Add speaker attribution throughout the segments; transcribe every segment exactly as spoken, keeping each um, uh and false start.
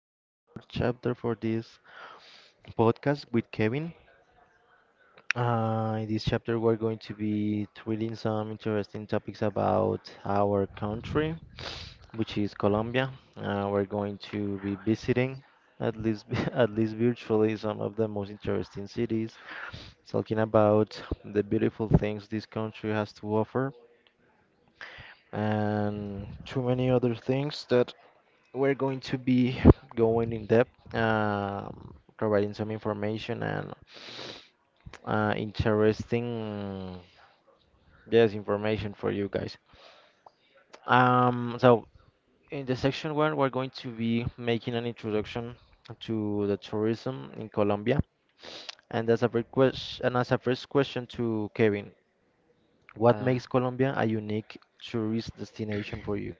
Speaker 1: our fourth chapter for this podcast with Kevin. Uh, in this chapter, we're going to be treating some interesting topics about our country, which is Colombia. Uh, we're going to be visiting, at least at least virtually, some of the most interesting cities, talking about the beautiful things this country has to offer and too many other things that we're going to be going in depth, um, providing some information and uh, interesting, yes, information for you guys. Um, so in the section one, we're going to be making an introduction to the tourism in Colombia. And as a first question, and as a first question to Kevin, what
Speaker 2: Uh,
Speaker 1: makes Colombia a unique tourist destination for you?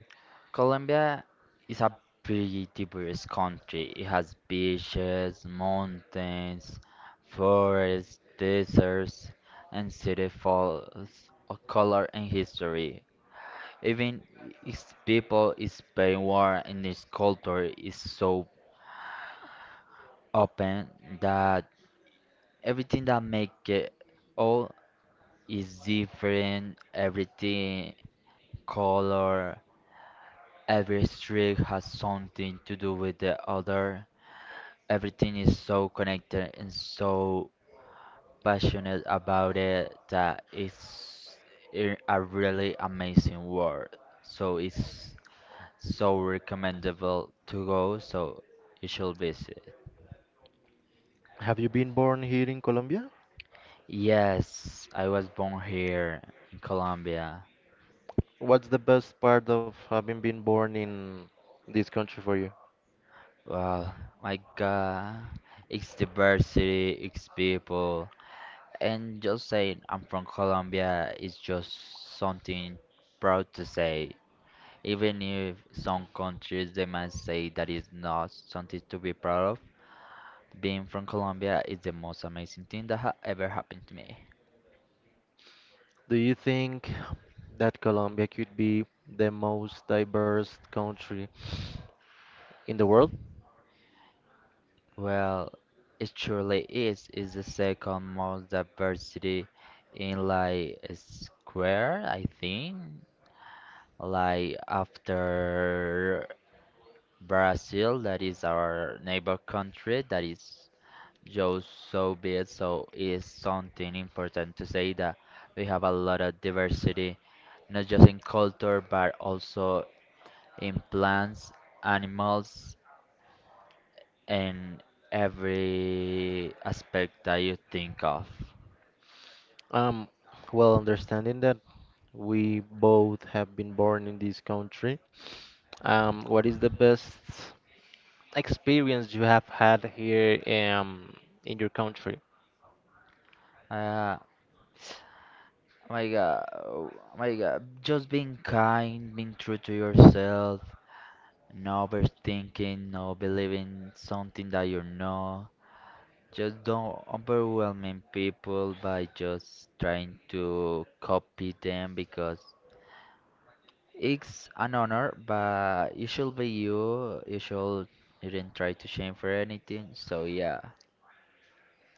Speaker 2: Colombia is a pretty diverse country. It has beaches, mountains, forests, deserts, and city falls of color and history. Even its people is very warm and its culture is so open that everything that make it all is different. Everything, color, every street has something to do with the other. Everything is so connected and so passionate about it that it's i- a really amazing world. So it's so recommendable to go, so you should visit.
Speaker 1: Have you been born here in Colombia?
Speaker 2: Yes, I was born here in Colombia.
Speaker 1: What's the best part of having been born in this country for you?
Speaker 2: Well, my God, it's diversity, it's people, and just saying I'm from Colombia is just something proud to say. Even if some countries they might say that is not something to be proud of, being from Colombia is the most amazing thing that ha ever happened to me.
Speaker 1: Do you think that Colombia could be the most diverse country in the world?
Speaker 2: Well, it surely is. It's the second most diversity in like a square, I think. Like after Brazil, that is our neighbor country, that is Yo, so be it. So it is something important to say that we have a lot of diversity, not just in culture, but also in plants, animals, and every aspect that you think of.
Speaker 1: Um, well, Understanding that we both have been born in this country, um, what is the best experience you have had here um, in your country?
Speaker 2: Uh, my God, oh my God, just being kind, being true to yourself, no overthinking, no believing something that you know. Just don't overwhelming people by just trying to copy them because it's an honor, but it should be you. You should you didn't try to shame for anything. So yeah,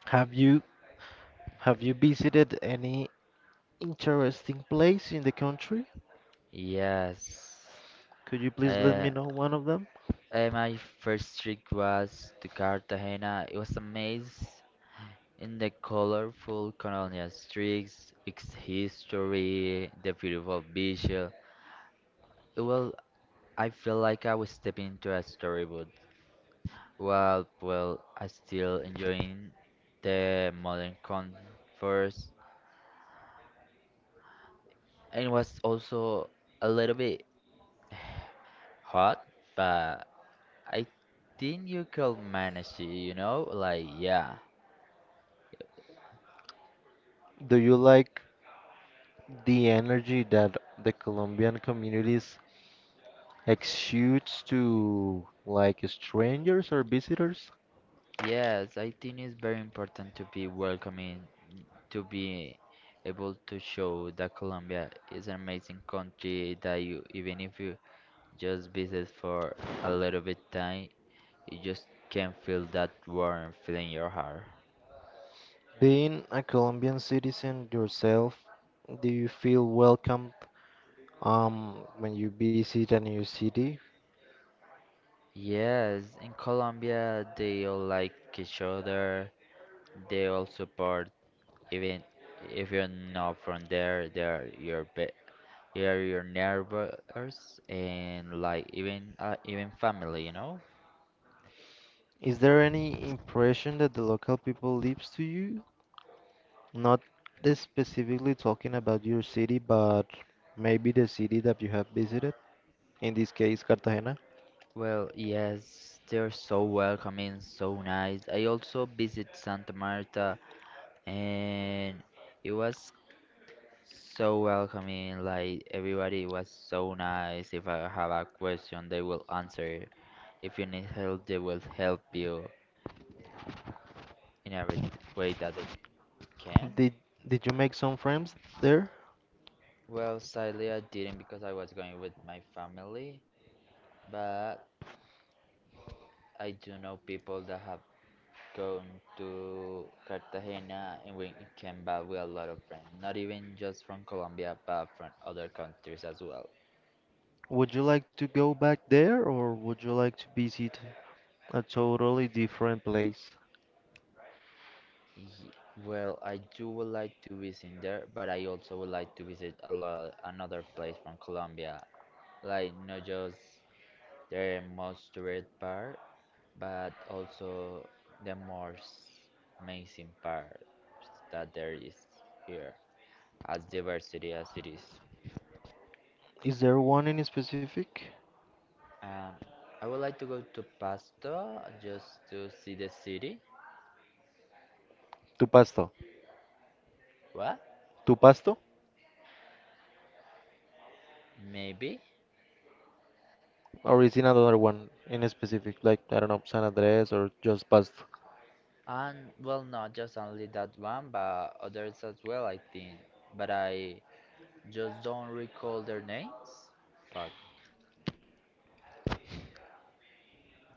Speaker 1: Have you have you visited any interesting place in the country?
Speaker 2: yes.
Speaker 1: Could you please let
Speaker 2: Uh,
Speaker 1: me know one of them?
Speaker 2: uh, my first trip was to Cartagena. It was amazing in the colorful colonial streets, its history, the beautiful visual. Well, I feel like I was stepping into a storybook. Well, well, I still enjoying the modern comforts, and it was also a little bit hot, but I think you could manage it, you know? Like, yeah.
Speaker 1: Do you like the energy that the Colombian communities exudes to like strangers or visitors?
Speaker 2: Yes, I think it's very important to be welcoming, to be able to show that Colombia is an amazing country that you, even if you just visit for a little bit time, you just can feel that warm feeling in your heart.
Speaker 1: Being a Colombian citizen yourself, do you feel welcomed um, when you visit a new city?
Speaker 2: Yes, in Colombia they all like each other. They all support even if you're not from there. They are your be they are your neighbors and like even uh, even family, you know?
Speaker 1: Is there any impression that the local people leaves to you? Not this specifically talking about your city, but maybe the city that you have visited, in this case, Cartagena.
Speaker 2: Well, yes, they're so welcoming, so nice. I also visit Santa Marta and it was so welcoming. Like everybody was so nice. If I have a question, they will answer. If you need help, they will help you in every t- way that they can.
Speaker 1: Did did you make some friends there?
Speaker 2: Well, sadly, I didn't because I was going with my family, but I do know people that have gone to Cartagena and we came back with a lot of friends, not even just from Colombia, but from other countries as well.
Speaker 1: Would you like to go back there or would you like to visit a totally different place?
Speaker 2: Ye- Well, I do would like to visit there, but I also would like to visit a lot another place from Colombia, like not just the most tourist part, but also the most amazing part that there is here as diversity as it is.
Speaker 1: Is there one in specific?
Speaker 2: Um, I would like to go to Pasto just to see the city.
Speaker 1: Tu Pasto.
Speaker 2: What?
Speaker 1: Tu Pasto?
Speaker 2: Maybe.
Speaker 1: Or is it another one in specific, like I don't know, San Andres or just Pasto?
Speaker 2: And well, not just only that one, but others as well, I think. But I just don't recall their names. Fuck.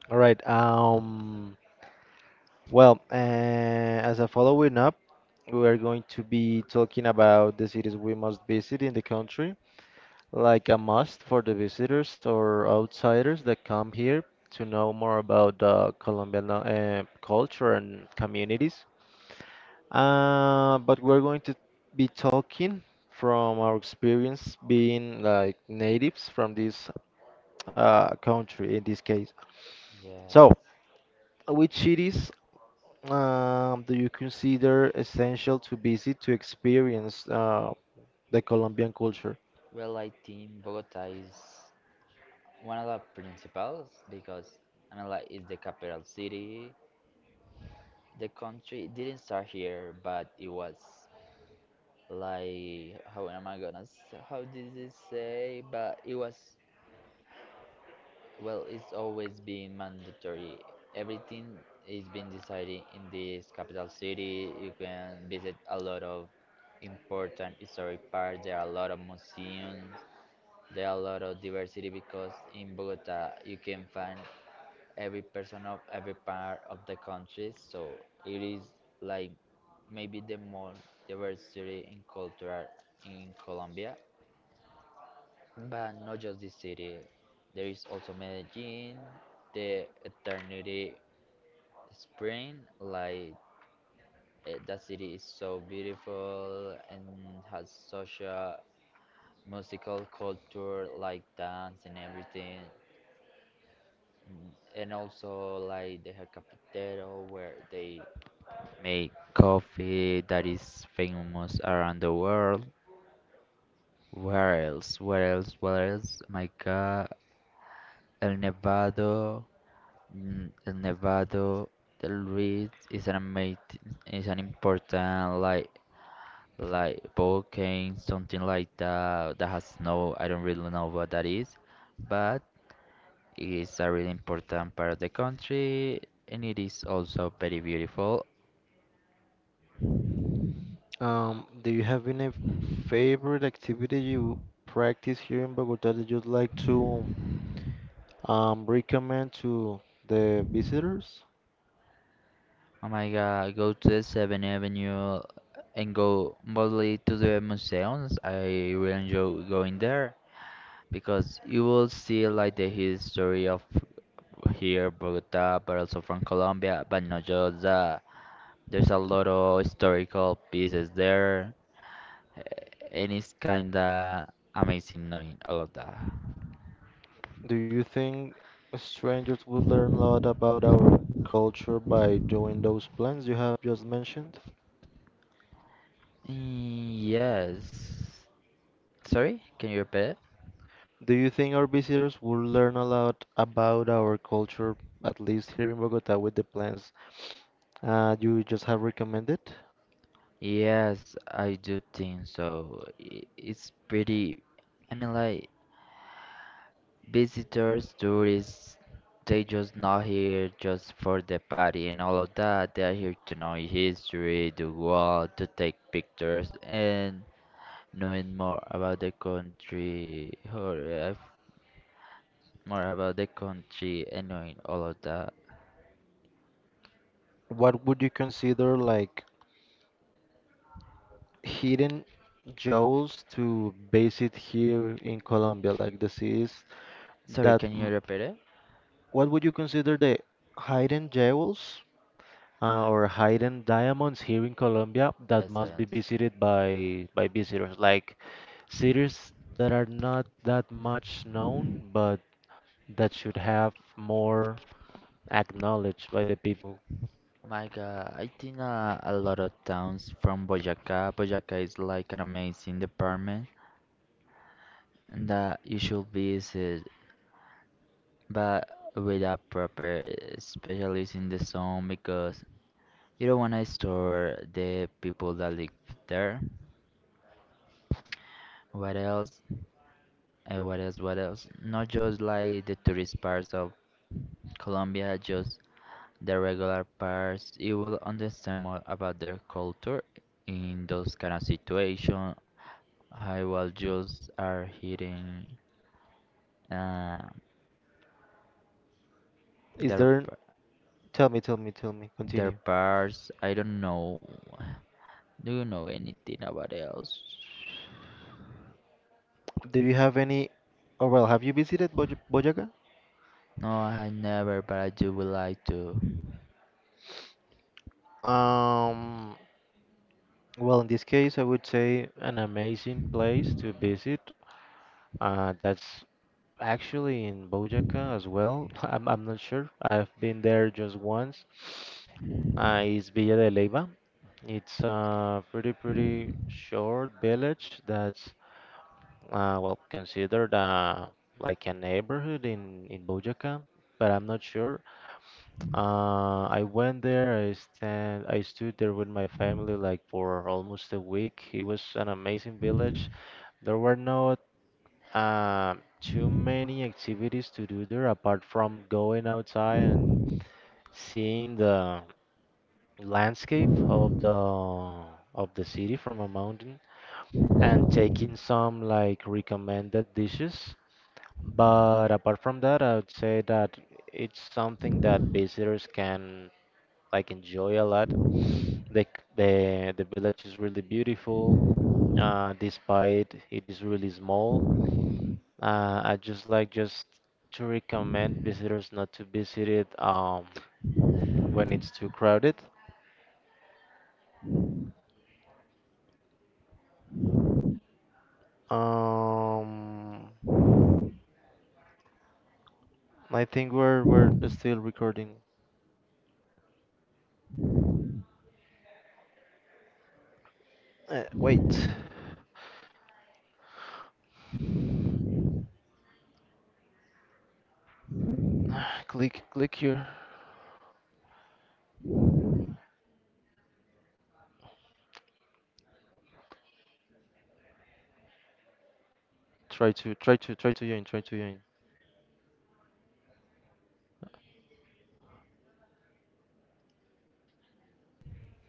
Speaker 1: All right. Um. Well, uh, as a following up, we are going to be talking about the cities we must visit in the country, like a must for the visitors or outsiders that come here to know more about the Colombian uh, culture and communities. Uh, but we're going to be talking from our experience being like natives from this uh, country in this case.
Speaker 2: Yes.
Speaker 1: So, which cities um, do you consider essential to visit to experience uh, the Colombian culture?
Speaker 2: Well, I think Bogota is one of the principles because Manila is the capital city. The country didn't start here, but it was like how am I gonna s- how did it say? But it was well, it's always been mandatory. Everything is being decided in this capital city. You can visit a lot of important historic parks. There are a lot of museums. There are a lot of diversity because in Bogota you can find every person of every part of the country. So it is like maybe the more diversity in culture in Colombia, but not just this city. There is also Medellin, the Eternity Spring. Like eh, that city is so beautiful and has such a musical culture, like dance and everything. Mm, And also like the El Cafetero, where they make coffee that is famous around the world. Where else? Where else? Where else? My God, El Nevado, mm, El Nevado del Ruiz is an amazing, is an important like like volcano, something like that that has snow. I don't really know what that is, but it's a really important part of the country and it is also very beautiful.
Speaker 1: Um, do you have any favorite activity you practice here in Bogota that you'd like to um, recommend to the visitors?
Speaker 2: Oh my god, go to the seventh Avenue and go mostly to the museums. I will enjoy going there because you will see like the history of here, Bogota, but also from Colombia, but not just that. There's a lot of historical pieces there, eh, and it's kinda amazing knowing all of that.
Speaker 1: Do you think strangers would learn a lot about our culture by doing those plans you have just mentioned?
Speaker 2: Mm, yes. Sorry, can you repeat?
Speaker 1: Do you think our visitors will learn a lot about our culture, at least here in Bogota, with the plans uh, you just have recommended?
Speaker 2: Yes, I do think so. I- It's pretty, I mean, like visitors, tourists, they just not here just for the party and all of that. They are here to know history, to go out, to take pictures, and knowing more about the country, or uh, more about the country and knowing all of that.
Speaker 1: What would you consider like hidden jewels to base it here in Colombia, like the cities
Speaker 2: Sorry,
Speaker 1: that
Speaker 2: can you
Speaker 1: m-
Speaker 2: repeat it?
Speaker 1: what would you consider the hidden jewels uh, or hidden diamonds here in Colombia that
Speaker 2: Yes, I
Speaker 1: must be
Speaker 2: understand.
Speaker 1: visited by by visitors, like cities that are not that much known, but that should have more acknowledged by the people.
Speaker 2: Oh My God, I think uh, a lot of towns from Boyacá. Boyacá is like an amazing department that you should visit, but with a proper uh, specialist in the zone because you don't want to store the people that live there. What else? Uh, what else? What else? Not just like the tourist parts of Colombia, just the regular parts. You will understand more about their culture in those kind of situations I will just are hitting uh,
Speaker 1: Is
Speaker 2: their
Speaker 1: there?
Speaker 2: p-
Speaker 1: Tell me, tell me, tell me.
Speaker 2: their
Speaker 1: Continue.
Speaker 2: parts. I don't know. Do you know anything about else?
Speaker 1: Do you have any? Oh well, have you visited Boj Boyaca?
Speaker 2: No, I never. But I do would like to.
Speaker 1: Um, well, in this case, I would say an amazing place to visit. Uh, that's actually in Bojaca as well. I'm, I'm not sure. I've been there just once. Uh, it's Villa de Leyva. It's a pretty, pretty short village that's, uh, well, considered uh, like a neighborhood in, in Bojaca, but I'm not sure. Uh, I went there. I stand. I stood there with my family like for almost a week. It was an amazing village. There were not uh, too many activities to do there apart from going outside and seeing the landscape of the of the city from a mountain and taking some like recommended dishes. But apart from that, I would say that it's something that visitors can like enjoy a lot. The c- the the village is really beautiful, uh, despite it is really small. Uh, I just like just to recommend visitors not to visit it um, when it's too crowded. Um, I think we're we're still recording. Uh, wait, click click here. Try to try to try to join. Try to join.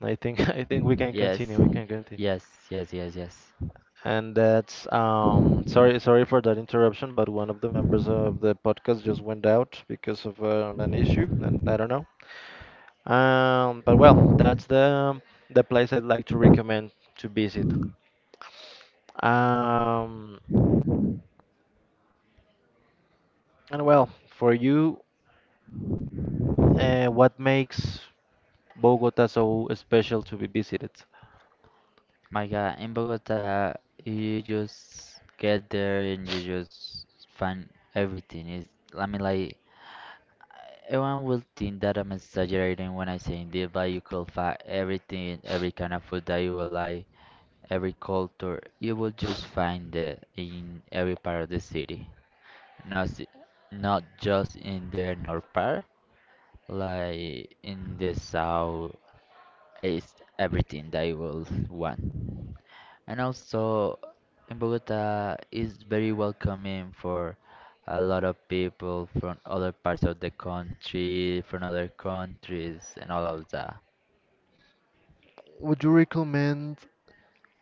Speaker 1: I think I think we can
Speaker 2: Yes,
Speaker 1: continue. We can continue.
Speaker 2: yes, yes, yes, yes.
Speaker 1: And that's um sorry sorry for that interruption, but one of the members of the podcast just went out because of um, an issue, and I don't know. Um, but well, that's the the place I'd like to recommend to visit. Um, and well, for you, uh, what makes Bogota so special to be visited?
Speaker 2: My God, in Bogota, you just get there and you just find everything. It's, I mean, like everyone will think that I'm exaggerating when I say this, but you could find everything, every kind of food that you will like, every culture. You will just find it in every part of the city, not s- not just in the north part, like in the south. It's everything that you will want. And also, in Bogota is very welcoming for a lot of people from other parts of the country, from other countries, and all of that.
Speaker 1: Would you recommend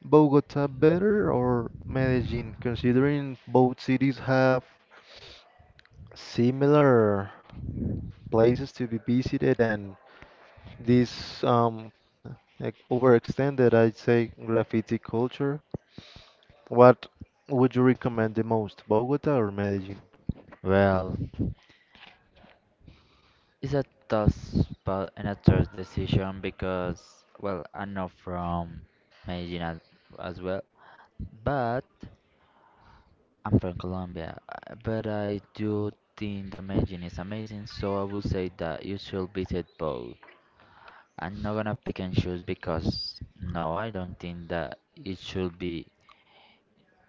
Speaker 1: Bogota better or Medellin, considering both cities have similar places to be visited and this um like overextended I'd say graffiti culture. What would you recommend the most, Bogota or Medellin?
Speaker 2: Well, it's a tough spot and a tough decision because, well, I'm not from Medellin as well, but I'm from Colombia. uh, But I do think that Medellin is amazing, so I would say that you should visit both. I'm not gonna pick and choose because no, I don't think that it should be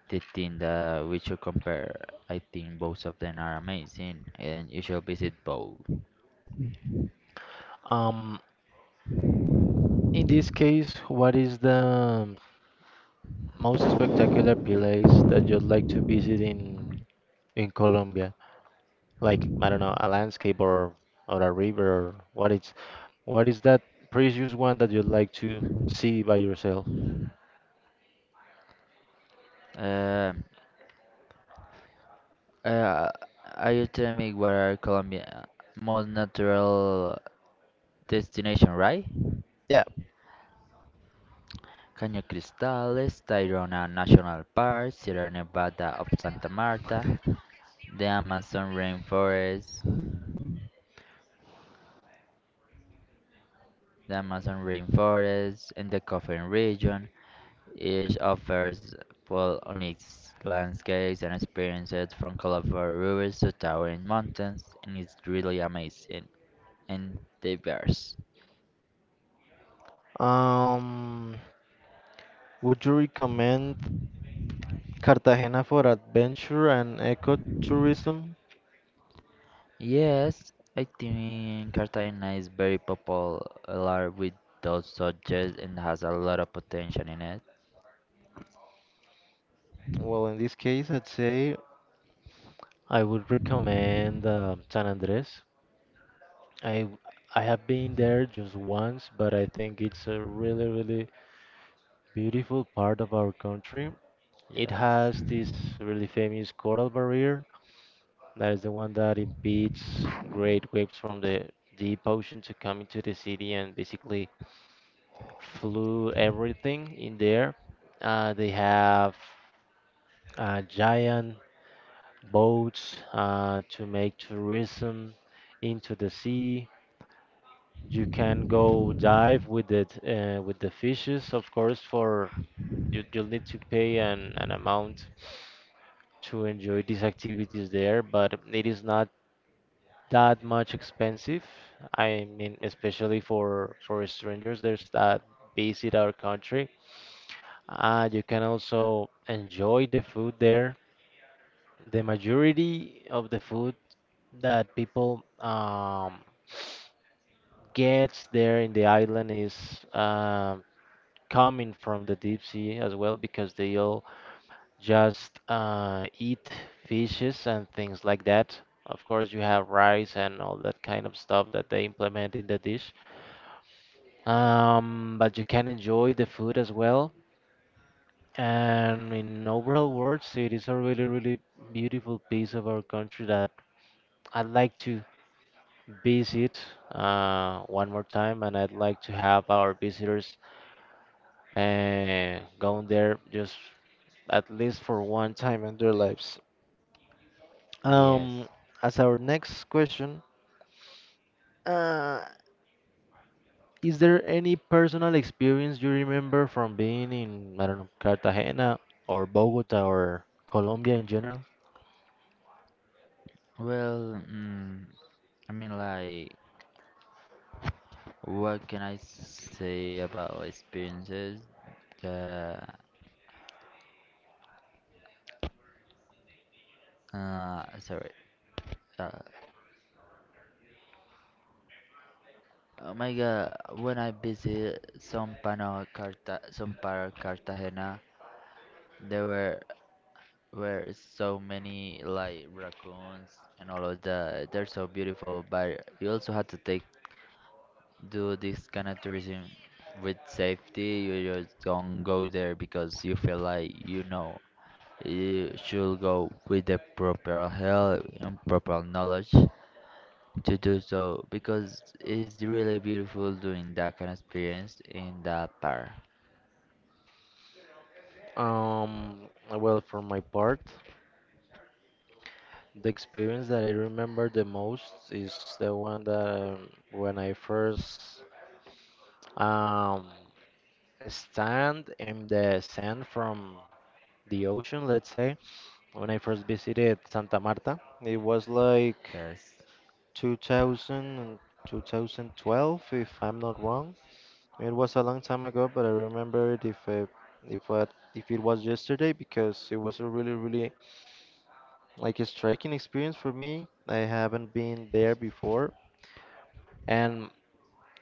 Speaker 2: the thing that we should compare. I think both of them are amazing, and you should visit both.
Speaker 1: Um, in this case, what is the most spectacular place that you'd like to visit in in Colombia? Like, I don't know, a landscape or or a river or what it's what is that precious one that you'd like to see by yourself?
Speaker 2: Um, uh, are you telling me what are Colombia most natural destination, right?
Speaker 1: Yeah.
Speaker 2: Caño Cristales, Tayrona National Park, Sierra Nevada of Santa Marta, the Amazon rainforest, the Amazon rainforest, and the Coffin region. Each offers full unique landscapes and experiences from colorful rivers to towering mountains, and it's really amazing and diverse.
Speaker 1: Um, would you recommend Cartagena for adventure and ecotourism?
Speaker 2: Yes, I think Cartagena is very popular with those subjects and has a lot of potential in it.
Speaker 1: Well, in this case, I'd say I would recommend uh, San Andres. I w- I have been there just once, but I think it's a really, really beautiful part of our country. It
Speaker 2: Yes.
Speaker 1: has this really famous coral barrier that is the one that impedes great waves from the deep ocean to come into the city and basically flew everything in there. Uh, they have uh, giant boats uh, to make tourism into the sea. You can go dive with it uh, with the fishes, of course. For you, you'll need to pay an, an amount to enjoy these activities there, but it is not that much expensive. I mean, especially for for strangers, there's that visit our country. Uh, you can also enjoy the food there. The majority of the food that people um, gets there in the island is uh, coming from the deep sea as well because they all just uh, eat fishes and things like that. Of course, you have rice and all that kind of stuff that they implement in the dish. Um, but you can enjoy the food as well. And in overall words, it is a really, really beautiful piece of our country that I'd like to visit uh, one more time, and I'd like to have our visitors uh, going there just at least for one time in their lives.
Speaker 2: Yes.
Speaker 1: Um, as our next question, uh, is there any personal experience you remember from being in, I don't know, Cartagena or Bogota or Colombia in general?
Speaker 2: Well, mm, I mean, like, what can I say about experiences? The uh, sorry, uh, oh my god, when I visited San Pano Carta San Paro Cartagena, there were were so many like raccoons and all of that. They're so beautiful, but you also have to take do this kind of tourism with safety. You just don't go there because you feel like you know. You should go with the proper help and proper knowledge to do so because it's really beautiful doing that kind of experience in the park.
Speaker 1: Um, well, for my part, the experience that I remember the most is the one that um, when I first um, stand in the sand from the ocean, let's say, when I first visited Santa Marta. It was like
Speaker 2: Yes.
Speaker 1: two thousand, and two thousand twelve, if I'm not wrong. It was a long time ago, but I remember it if uh, if what if it was yesterday because it was a really really like a striking experience for me. I haven't been there before. And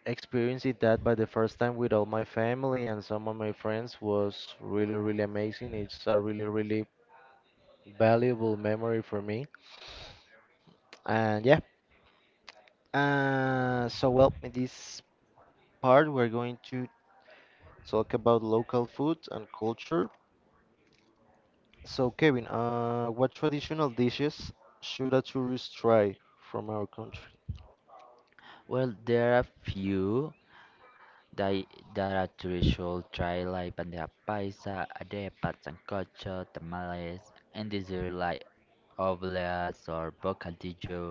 Speaker 1: experiencing that by the first time with all my family and some of my friends was really, really amazing. It's a really, really valuable memory for me. And yeah, uh, so well, in this part, we're going to talk about local food and culture. So, Kevin, uh, what traditional dishes should a tourist try from our country?
Speaker 2: Well, there are few that I- that are traditional try like bandeja paisa, arepa, sancocho, tamales, and dessert like obleas or bocadillo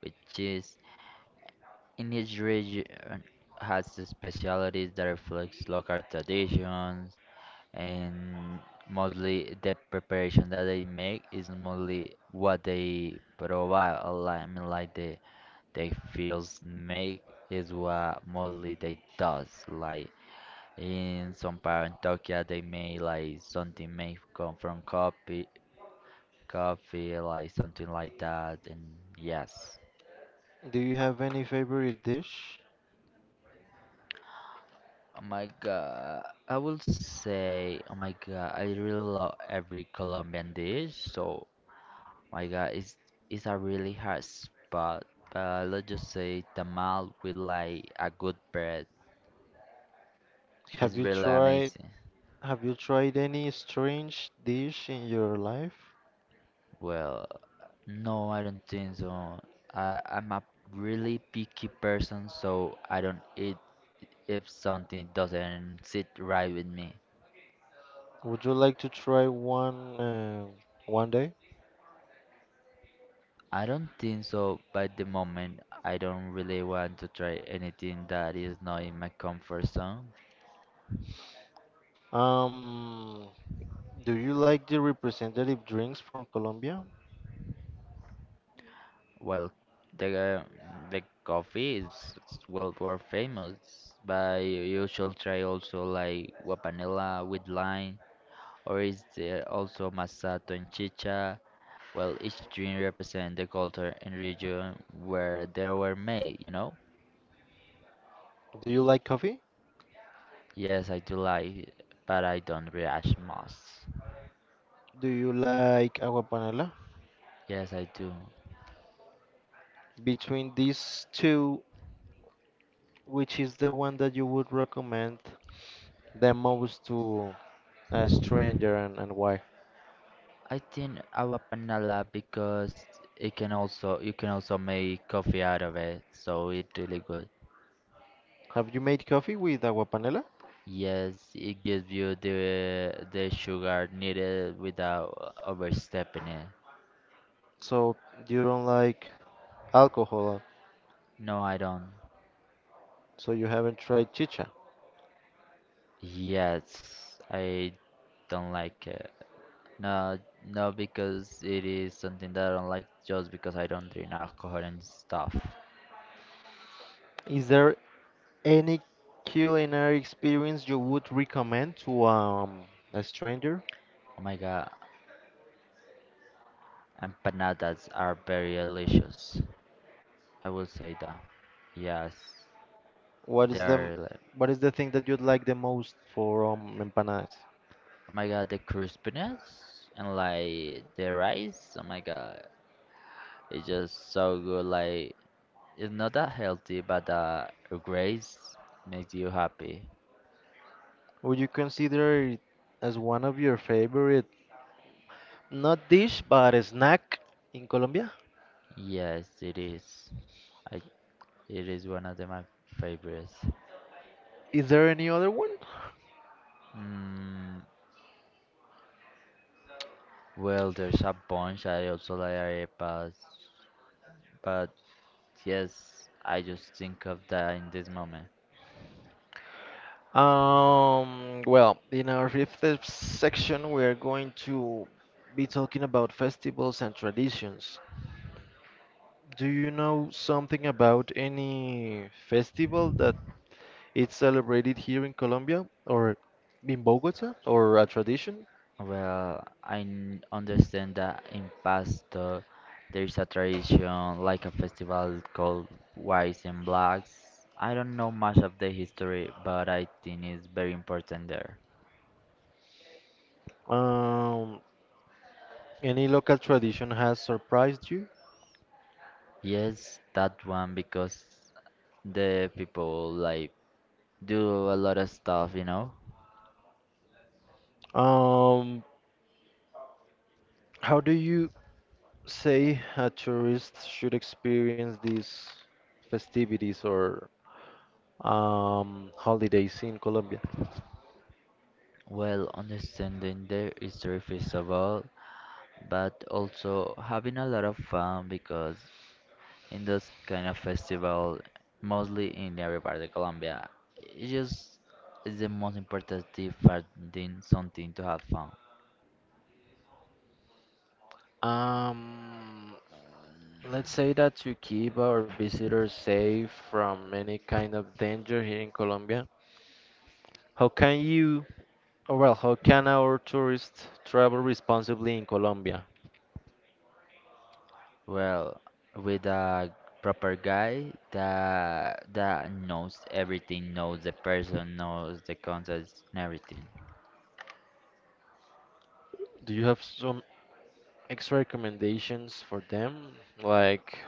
Speaker 2: with cheese. In each region has the specialties that reflects local traditions, and mostly the preparation that they make is mostly what they provide a lot, I mean like the they feels make is what mostly they does like in some part in Tokyo they made like something may come from coffee coffee like something like that and yes.
Speaker 1: Do you have any favorite dish?
Speaker 2: Oh my god, I will say oh my god I really love every Colombian dish so. My God, it's it's a really hard spot, but let's just say tamal with like a good bread
Speaker 1: Have
Speaker 2: is
Speaker 1: you
Speaker 2: really
Speaker 1: tried,
Speaker 2: amazing.
Speaker 1: have you tried any strange dish in your life?
Speaker 2: Well, no, I don't think so. I I'm a really picky person, so I don't eat if something doesn't sit right with me.
Speaker 1: Would you like to try one uh, one day?
Speaker 2: I don't think so, by the moment I don't really want to try anything that is not in my comfort zone.
Speaker 1: Um, do you like the representative drinks from Colombia?
Speaker 2: Well, the the coffee is is well worth famous, but you should try also like guapanela with lime, or is there also masato and chicha? Well, each drink represents the culture and region where they were made, you know?
Speaker 1: Do you like coffee?
Speaker 2: Yes, I do like it, but I don't react much.
Speaker 1: Do you like agua panela?
Speaker 2: Yes, I do.
Speaker 1: Between these two, which is the one that you would recommend the most to a stranger, and, and why?
Speaker 2: I think aguapanela because it can also, you can also make coffee out of it, so it's really good.
Speaker 1: Have you made coffee with agua panela?
Speaker 2: Yes, it gives you the the sugar needed without overstepping it.
Speaker 1: So you don't like alcohol,
Speaker 2: No, I don't.
Speaker 1: so you haven't tried chicha.
Speaker 2: Yes, I don't like it. No, no, because it is something that I don't like just because I don't drink alcohol and stuff.
Speaker 1: Is there any culinary experience you would recommend to um, a stranger?
Speaker 2: Oh my god, empanadas are very delicious. I will say that. Yes,
Speaker 1: What is the
Speaker 2: they're like,
Speaker 1: what is the thing that you'd like the most for um, empanadas?
Speaker 2: oh my god, the crispiness and like the rice. Oh my god, it's just so good. Like it's not that healthy, but the grace makes you happy.
Speaker 1: Would you consider it as one of your favorite, not dish, but a snack in Colombia?
Speaker 2: Yes, it is. I, it is one of the, my favorites.
Speaker 1: Is there any other one?
Speaker 2: Mm, well, there's a bunch. I also like arepas, but yes, I just think of that in this moment.
Speaker 1: Um, well, in our fifth section, we are going to be talking about festivals and traditions. Do you know something about any festival that it's celebrated here in Colombia or in Bogota or a tradition.
Speaker 2: Well, I n- understand that in past uh, there is a tradition like a festival called Whites and Blacks. I don't know much of the history, but I think it's very important there.
Speaker 1: Um, any local tradition has surprised you?
Speaker 2: Yes, that one because the people like do a lot of stuff, you know.
Speaker 1: Um, how do you say a tourist should experience these festivities or um, holidays in Colombia?
Speaker 2: Well, understanding the history first of all, but also having a lot of fun because in those kind of festival, mostly in every part of Colombia, it's just, it's the most important thing for doing something to have fun.
Speaker 1: Um, let's say that to keep our visitors safe from any kind of danger here in Colombia, how can you? Oh, well, how can our tourists travel responsibly in Colombia?
Speaker 2: Well, with a proper guy that that knows everything, knows the person, knows the context and everything.
Speaker 1: Do you have some extra recommendations for them? Like,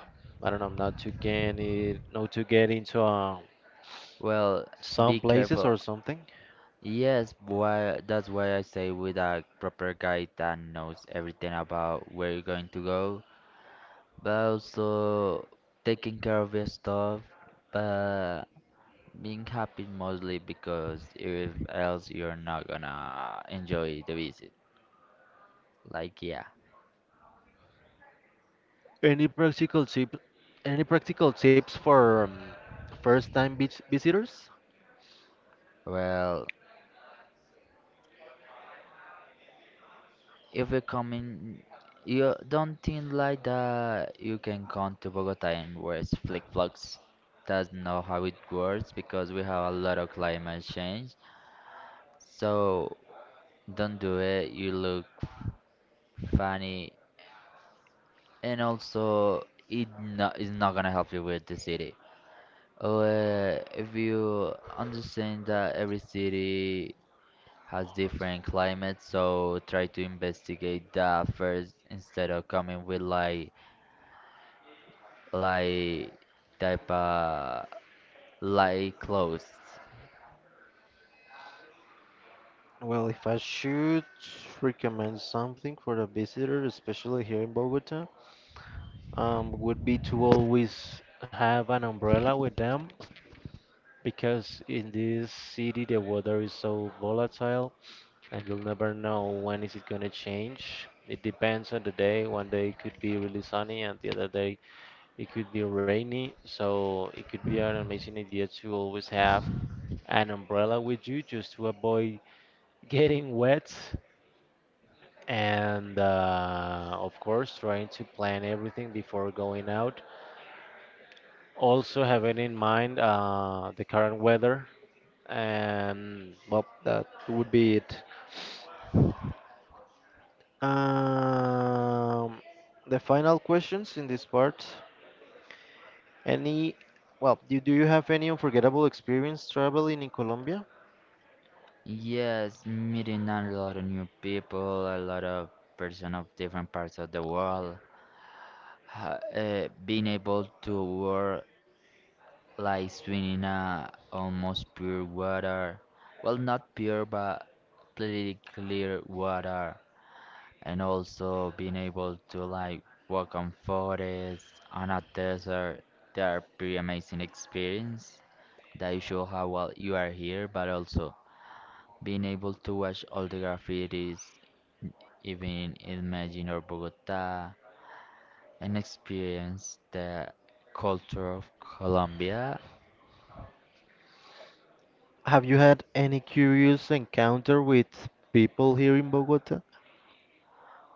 Speaker 1: I don't know, not to get it, not to get into uh,
Speaker 2: Well,
Speaker 1: some
Speaker 2: be
Speaker 1: places or
Speaker 2: careful.
Speaker 1: something?
Speaker 2: Yes, why that's why I say with a proper guy that knows everything about where you're going to go, but also taking care of your stuff, but being happy mostly because if else you're not gonna enjoy the visit. Like yeah.
Speaker 1: Any practical tip, any practical tips for um, first-time beach visitors?
Speaker 2: Well, if you're coming, you don't think like that. You can come to Bogota and wear flick flops. That's not how it works because we have a lot of climate change. So don't do it. You look funny, and also it not, is not gonna help you with the city. Uh, if you understand that every city has different climates, so try to investigate that first instead of coming with like like type uh light clothes.
Speaker 1: Well, if I should recommend something for a visitor, especially here in Bogota, um, would be to always have an umbrella with them because in this city the weather is so volatile and you'll never know when is it going to change. It depends on the day. One day it could be really sunny and the other day it could be rainy. So it could be an amazing idea to always have an umbrella with you just to avoid getting wet. And uh, of course, trying to plan everything before going out. Also, having in mind uh, the current weather and well, that would be it. Um, the final questions in this part. Any, well, do, do you have any unforgettable experience traveling in Colombia?
Speaker 2: Yes, meeting a lot of new people, a lot of person of different parts of the world. Ha- Uh, being able to work like swimming in a almost pure water. Well, not pure, but pretty clear water. And also being able to like walk on forests, on a desert. They are pretty amazing experience that you show how well you are here, but also being able to watch all the graffitis, n- even in Medellin or Bogota, and experience the culture of Colombia.
Speaker 1: Have you had any curious encounter with people here in Bogota?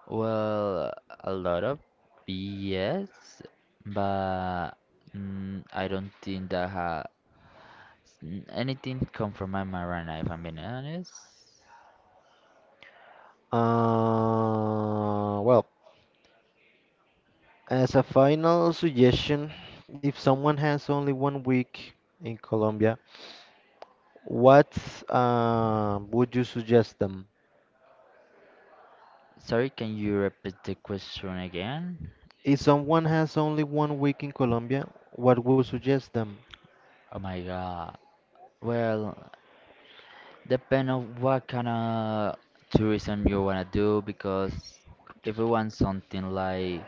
Speaker 2: Well, a lot of B S, but mm, I don't think that has n- anything come from my Marana, if I'm being honest.
Speaker 1: Uh, well, as a final suggestion, if someone has only one week in Colombia, what uh, would you suggest them?
Speaker 2: Sorry, can you repeat the question again?
Speaker 1: If someone has only one week in Colombia, what would suggest them?
Speaker 2: Oh my god. Well, depend on what kind of tourism you wanna do, because if you want something like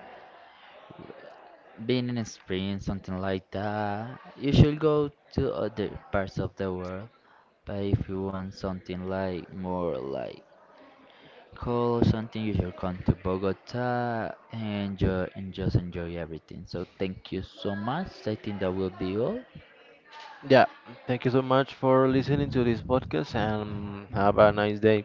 Speaker 2: being in a spring, something like that, you should go to other parts of the world. But if you want something like more like cool, something, you should come to Bogota and enjoy, and just enjoy everything. So thank you so much. I think that will be all.
Speaker 1: Yeah, thank you so much for listening to this podcast and have a nice day.